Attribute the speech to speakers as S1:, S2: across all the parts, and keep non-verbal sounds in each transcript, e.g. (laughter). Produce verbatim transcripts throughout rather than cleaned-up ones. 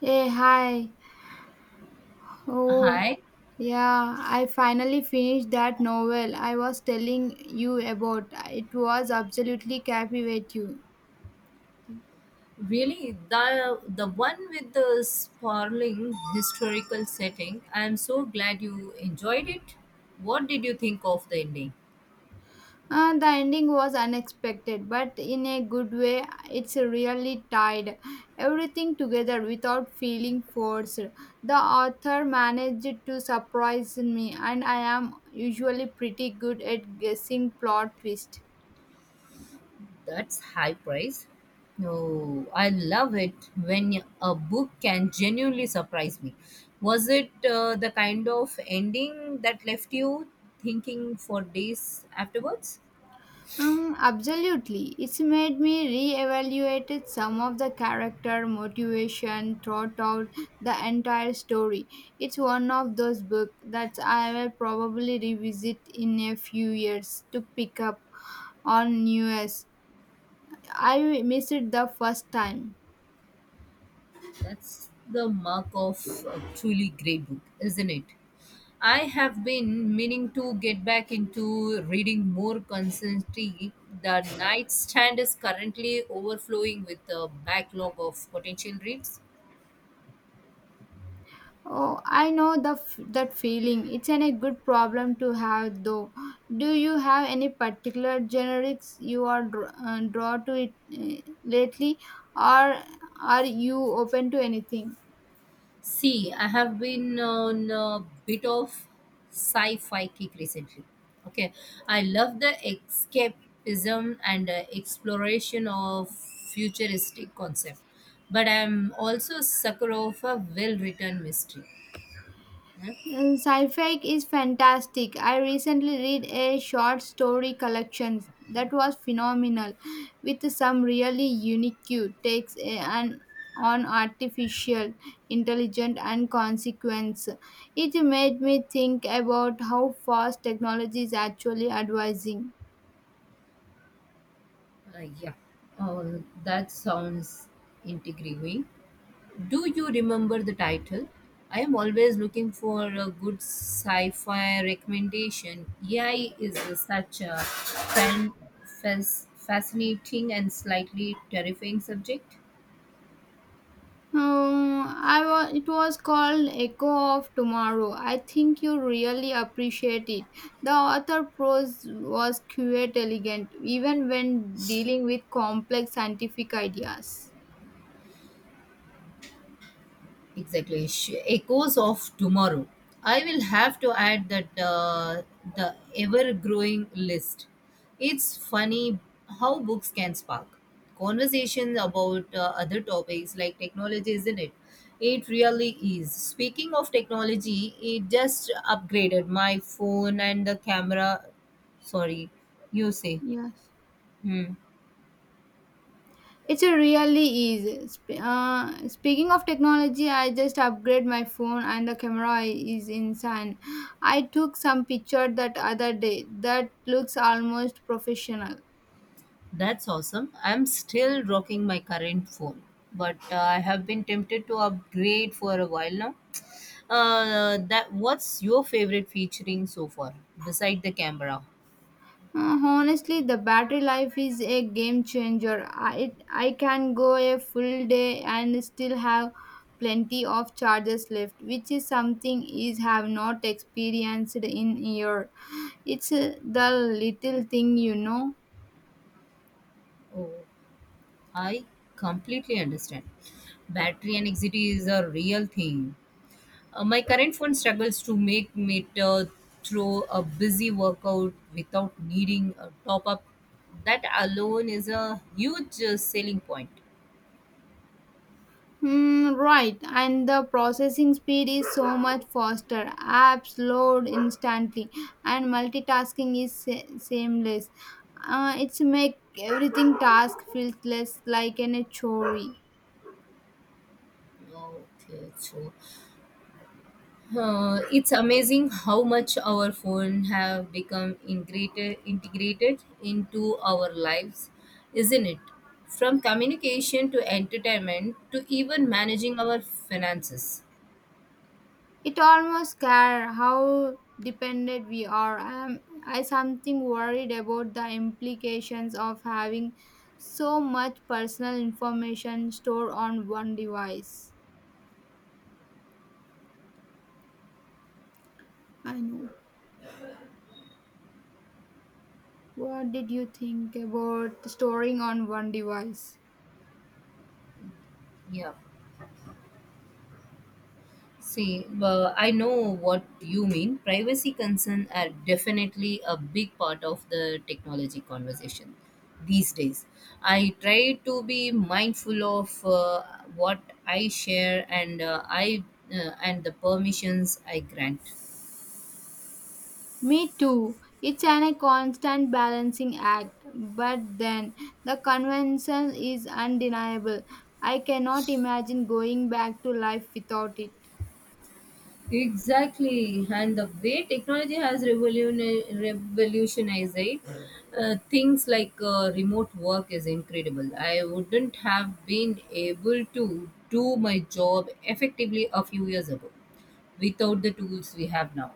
S1: Hey, hi. Oh,
S2: Hi,
S1: yeah, I finally finished that novel I was telling you about. It was absolutely captivating.
S2: really, the the one with the sprawling historical setting. I am so glad you enjoyed it. What did you think of the ending?
S1: Uh, the ending was unexpected, but in a good way, it's really tied everything together without feeling forced. The author managed to surprise me, and I am usually pretty good at guessing plot twist.
S2: That's high praise. No, I love it when a book can genuinely surprise me. Was it uh, the kind of ending that left you thinking for days afterwards?
S1: Um, absolutely. It's made me re-evaluate some of the character motivation throughout out the entire story. It's one of those books that I will probably revisit in a few years to pick up on news. I missed it the first time.
S2: That's the mark of a truly great book, isn't it? I have been meaning to get back into reading more consistently. The nightstand is currently overflowing with a backlog of potential reads.
S1: Oh, I know the f- that feeling. It's an, a good problem to have, though. Do you have any particular generics you are dr- uh, drawn to it uh, lately, or are you open to anything?
S2: See, I have been on a bit of sci-fi kick recently. Okay, I love the escapism and uh, exploration of futuristic concept, but I'm also a sucker of a well-written mystery. Yeah,
S1: Uh, Sci-fi is fantastic. I recently read a short story collection that was phenomenal, with some really unique takes uh, and on artificial intelligence and consequence. It made me think about how fast technology is actually advancing.
S2: Uh, yeah. Oh, that sounds intriguing. Do you remember the title? I am always looking for a good sci fi recommendation. A I is such a fan, fas- fascinating and slightly terrifying subject.
S1: Um, I was. It was called Echo of Tomorrow. I think you really appreciate it. The author prose was quite elegant, even when dealing with complex scientific ideas.
S2: Exactly. Sh- Echoes of tomorrow. I will have to add that uh, the ever growing list. It's funny how books can spark conversations about uh, other topics like technology, isn't it? It really is. Speaking of technology, it just upgraded my phone and the camera. Sorry, you say.
S1: Yes.
S2: Hmm.
S1: It's a really easy. Sp- Uh, speaking of technology, I just upgrade my phone and the camera is insane. I took some picture that other day that looks almost professional.
S2: That's awesome. I'm still rocking my current phone, but uh, I have been tempted to upgrade for a while now. Uh, that What's your favorite featuring so far, beside the camera?
S1: Uh, honestly, the battery life is a game changer. I I can go a full day and still have plenty of charges left, which is something is have not experienced in year. It's uh, the little thing you know.
S2: Oh, I completely understand. Battery anxiety is a real thing. Uh, my current phone struggles to make it uh, through a busy workout without needing a top up. That alone is a huge uh, selling point.
S1: Hmm, right, and the processing speed is so much faster. Apps load instantly, and multitasking is se- seamless. Uh, it's make everything task feels less like an a chore.
S2: Okay, so. Uh, it's amazing how much our phone have become integrated integrated into our lives, isn't it? From communication to entertainment to even managing our finances.
S1: It almost scare how dependent we are. I'm, I something worried about the implications of having so much personal information stored on one device. I know. What did you think about storing on one device?
S2: Yeah. See, well, I know what you mean. Privacy concerns are definitely a big part of the technology conversation these days. I try to be mindful of uh, what I share and uh, I uh, and the permissions I grant.
S1: Me too. It's an, a constant balancing act, but then the convention is undeniable. I cannot imagine going back to life without it.
S2: Exactly, and the way technology has revoluni- revolutionized it, uh, things like uh, remote work is incredible. I wouldn't have been able to do my job effectively a few years ago without the tools we have now,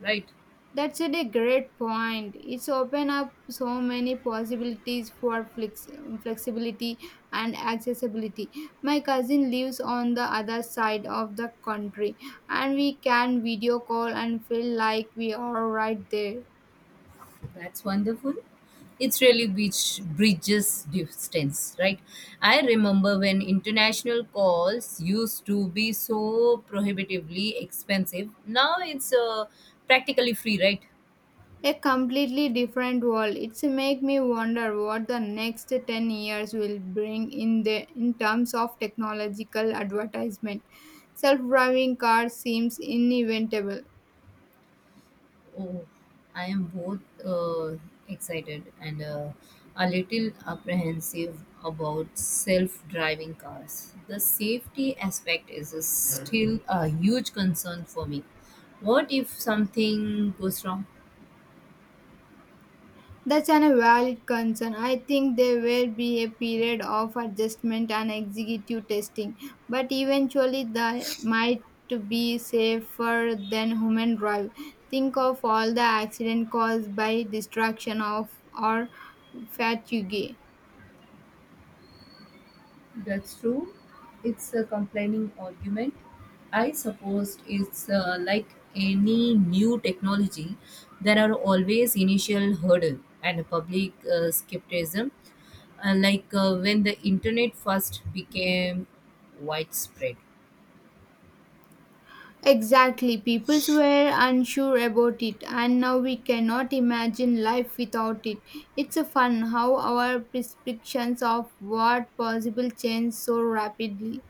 S2: right?
S1: That's a great point. It's open up so many possibilities for flex- flexibility and accessibility. My cousin lives on the other side of the country, and we can video call and feel like we are right there.
S2: That's wonderful. It's really which bridges distance, right? I remember when international calls used to be so prohibitively expensive. Now it's uh, practically free, right?
S1: A completely different world. It's make me wonder what the next ten years will bring in the in terms of technological advertisement. Self-driving cars seems inevitable.
S2: Oh, I am both uh, excited and uh, a little apprehensive about self-driving cars. The safety aspect is uh, still a huge concern for me. What if something goes wrong?
S1: That's an a valid concern. I think there will be a period of adjustment and executive testing, but eventually that might to be safer than human drive. Think of all the accident caused by distraction of or fatigue.
S2: That's true. It's a complaining argument. I suppose it's uh, like any new technology, there are always initial hurdle and public uh, skepticism. Uh, like uh, when the internet first became widespread,
S1: Exactly, people were unsure about it, and now we cannot imagine life without it. It's a fun how our prescriptions of what possible change so rapidly.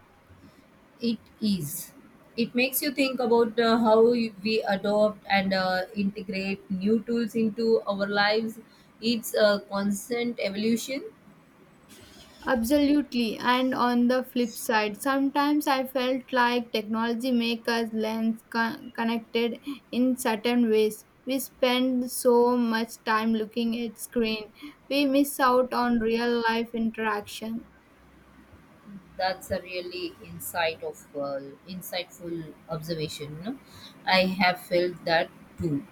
S2: it is. It makes you think about uh, how we adopt and uh, integrate new tools into our lives. It's a constant evolution.
S1: Absolutely. And on the flip side, sometimes I felt like technology makes us less con- connected in certain ways. We spend so much time looking at screen, we miss out on real life interaction.
S2: That's a really insight of uh, insightful observation. You know? I have felt that too.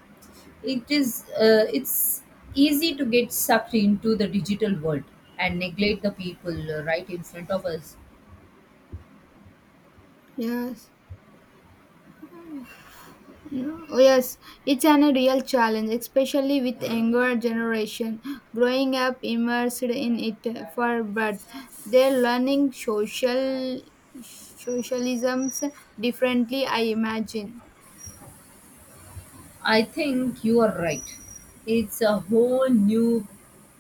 S2: It is uh, it's easy to get sucked into the digital world and neglect the people uh, right in front of us.
S1: Yes. Oh, yes, it's an, a real challenge, especially with younger generation growing up immersed in it for birth. They're learning social socialisms differently, I imagine.
S2: I think you are right. It's a whole new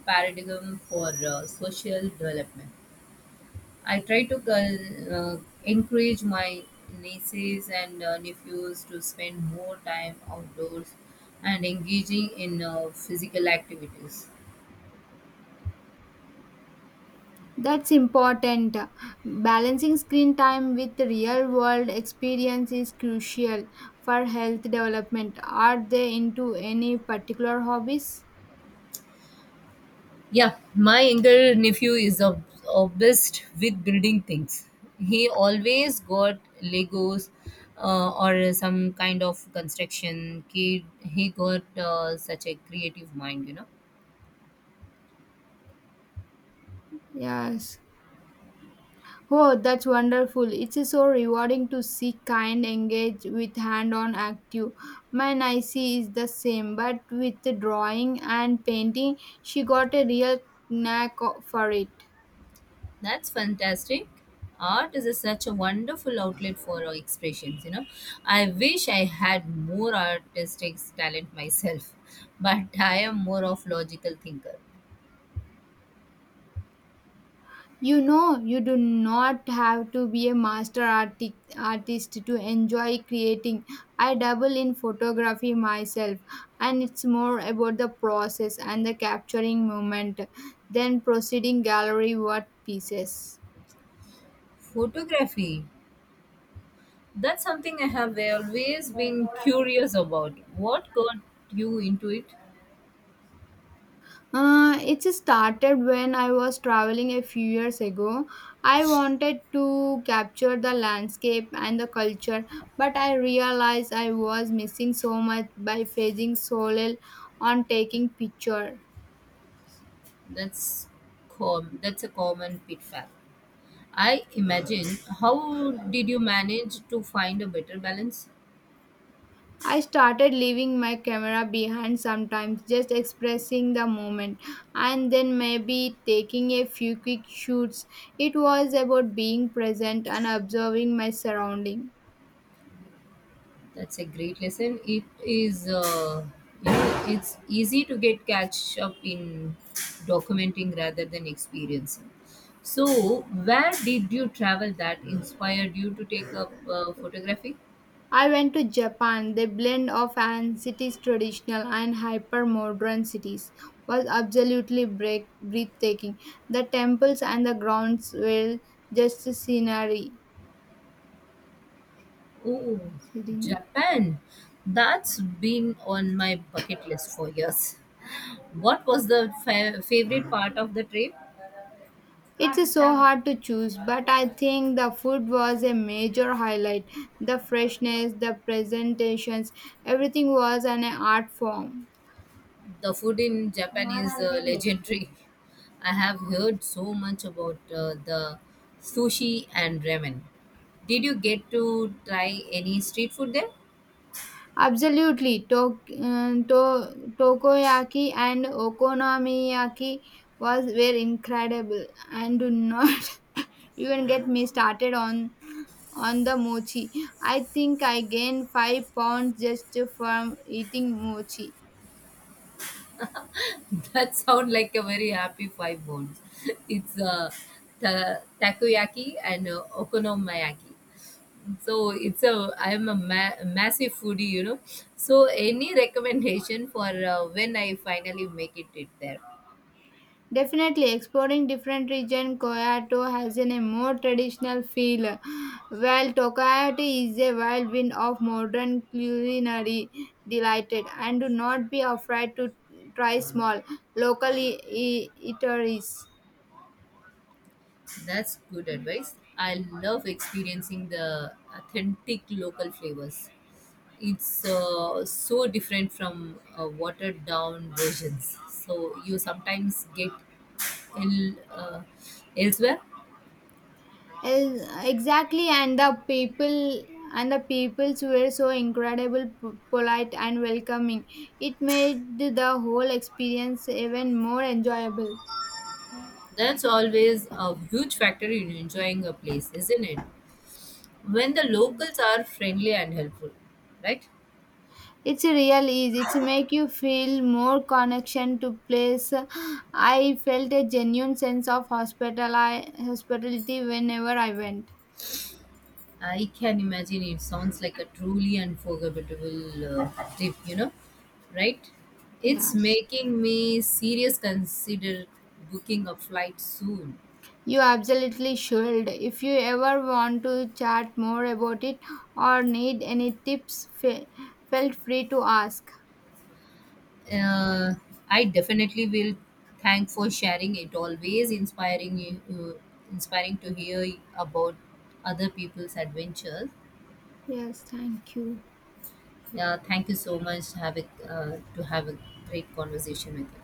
S2: paradigm for uh, social development. I try to uh, uh, encourage my nieces and uh, nephews to spend more time outdoors and engaging in uh, physical activities.
S1: That's important. Balancing screen time with real world experience is crucial for health development. Are they into any particular hobbies?
S2: Yeah, my younger nephew is ob- obsessed with building things. He always got Legos uh, or some kind of construction kid. He got uh, such a creative mind, you know.
S1: Yes. Oh, that's wonderful. It's so rewarding to see kind engage with hand on active. My Nicey is the same, but with the drawing and painting, she got a real knack o- for it.
S2: That's fantastic. Art is a- such a wonderful outlet for our expressions, you know. I wish I had more artistic talent myself, (laughs) but I am more of logical thinker.
S1: You know, you do not have to be a master arti- artist to enjoy creating. I dabble in photography myself, and it's more about the process and the capturing moment than proceeding gallery work pieces.
S2: Photography, that's something I have always been curious about. What got you into it?
S1: Uh, it started when I was traveling a few years ago. I wanted to capture the landscape and the culture, but I realized I was missing so much by facing solo on taking picture.
S2: That's com- that's a common pitfall. I imagine. How did you manage to find a better balance?
S1: I started leaving my camera behind sometimes, just expressing the moment and then maybe taking a few quick shoots. It was about being present and observing my surrounding.
S2: That's a great lesson. It is, uh, you know, it's easy to get catch up in documenting rather than experiencing. So, where did you travel that inspired you to take up uh, photography?
S1: I went to Japan. The blend of an traditional and hyper-modern cities was absolutely break- breathtaking. The temples and the grounds were just scenery.
S2: Oh,
S1: scenery.
S2: Japan. That's been on my bucket list for years. (laughs) What was the fa- favorite part of the trip?
S1: It's so hard to choose, but I think the food was a major highlight. The freshness, the presentations, everything was an art form.
S2: The food in Japan is uh, legendary. (laughs) I have heard so much about uh, the sushi and ramen. Did you get to try any street food there?
S1: Absolutely, Tok- uh, to- Tokoyaki and Okonomiyaki was were incredible, and do not (laughs) even get me started on on the mochi. I think I gained five pounds just from eating mochi.
S2: (laughs) That sounds like a very happy five bones. (laughs) It's uh, ta- takoyaki and uh, okonomiyaki. So it's a I'm a ma- massive foodie, you know. So any recommendation for uh, when I finally make it, it there?
S1: Definitely exploring different region, Kyoto has an, a more traditional feel, while Tokyo is a whirlwind of modern culinary delighted. And do not be afraid to try small local e- e- eateries.
S2: That's good advice. I love experiencing the authentic local flavors. It's uh, so different from uh, watered down versions. So you sometimes get ill, uh, elsewhere.
S1: Yes, exactly, and the people and the peoples were so incredible, p- polite, and welcoming. It made the whole experience even more enjoyable.
S2: That's always a huge factor in enjoying a place, isn't it? When the locals are friendly and helpful, right?
S1: It's a real ease. It's make you feel more connection to place. I felt a genuine sense of hospital hospitality whenever I went.
S2: I can imagine it sounds like a truly unforgettable uh, trip, you know, right? It's
S1: Yes.
S2: making me serious consider booking a flight soon.
S1: You absolutely should. If you ever want to chat more about it or need any tips, fe- felt free to ask.
S2: Uh, I definitely will. Thank for sharing it. Always inspiring you, uh, inspiring to hear about other people's adventures.
S1: Yes, thank you.
S2: Yeah, thank you so much. Have a, uh, to have a great conversation with you.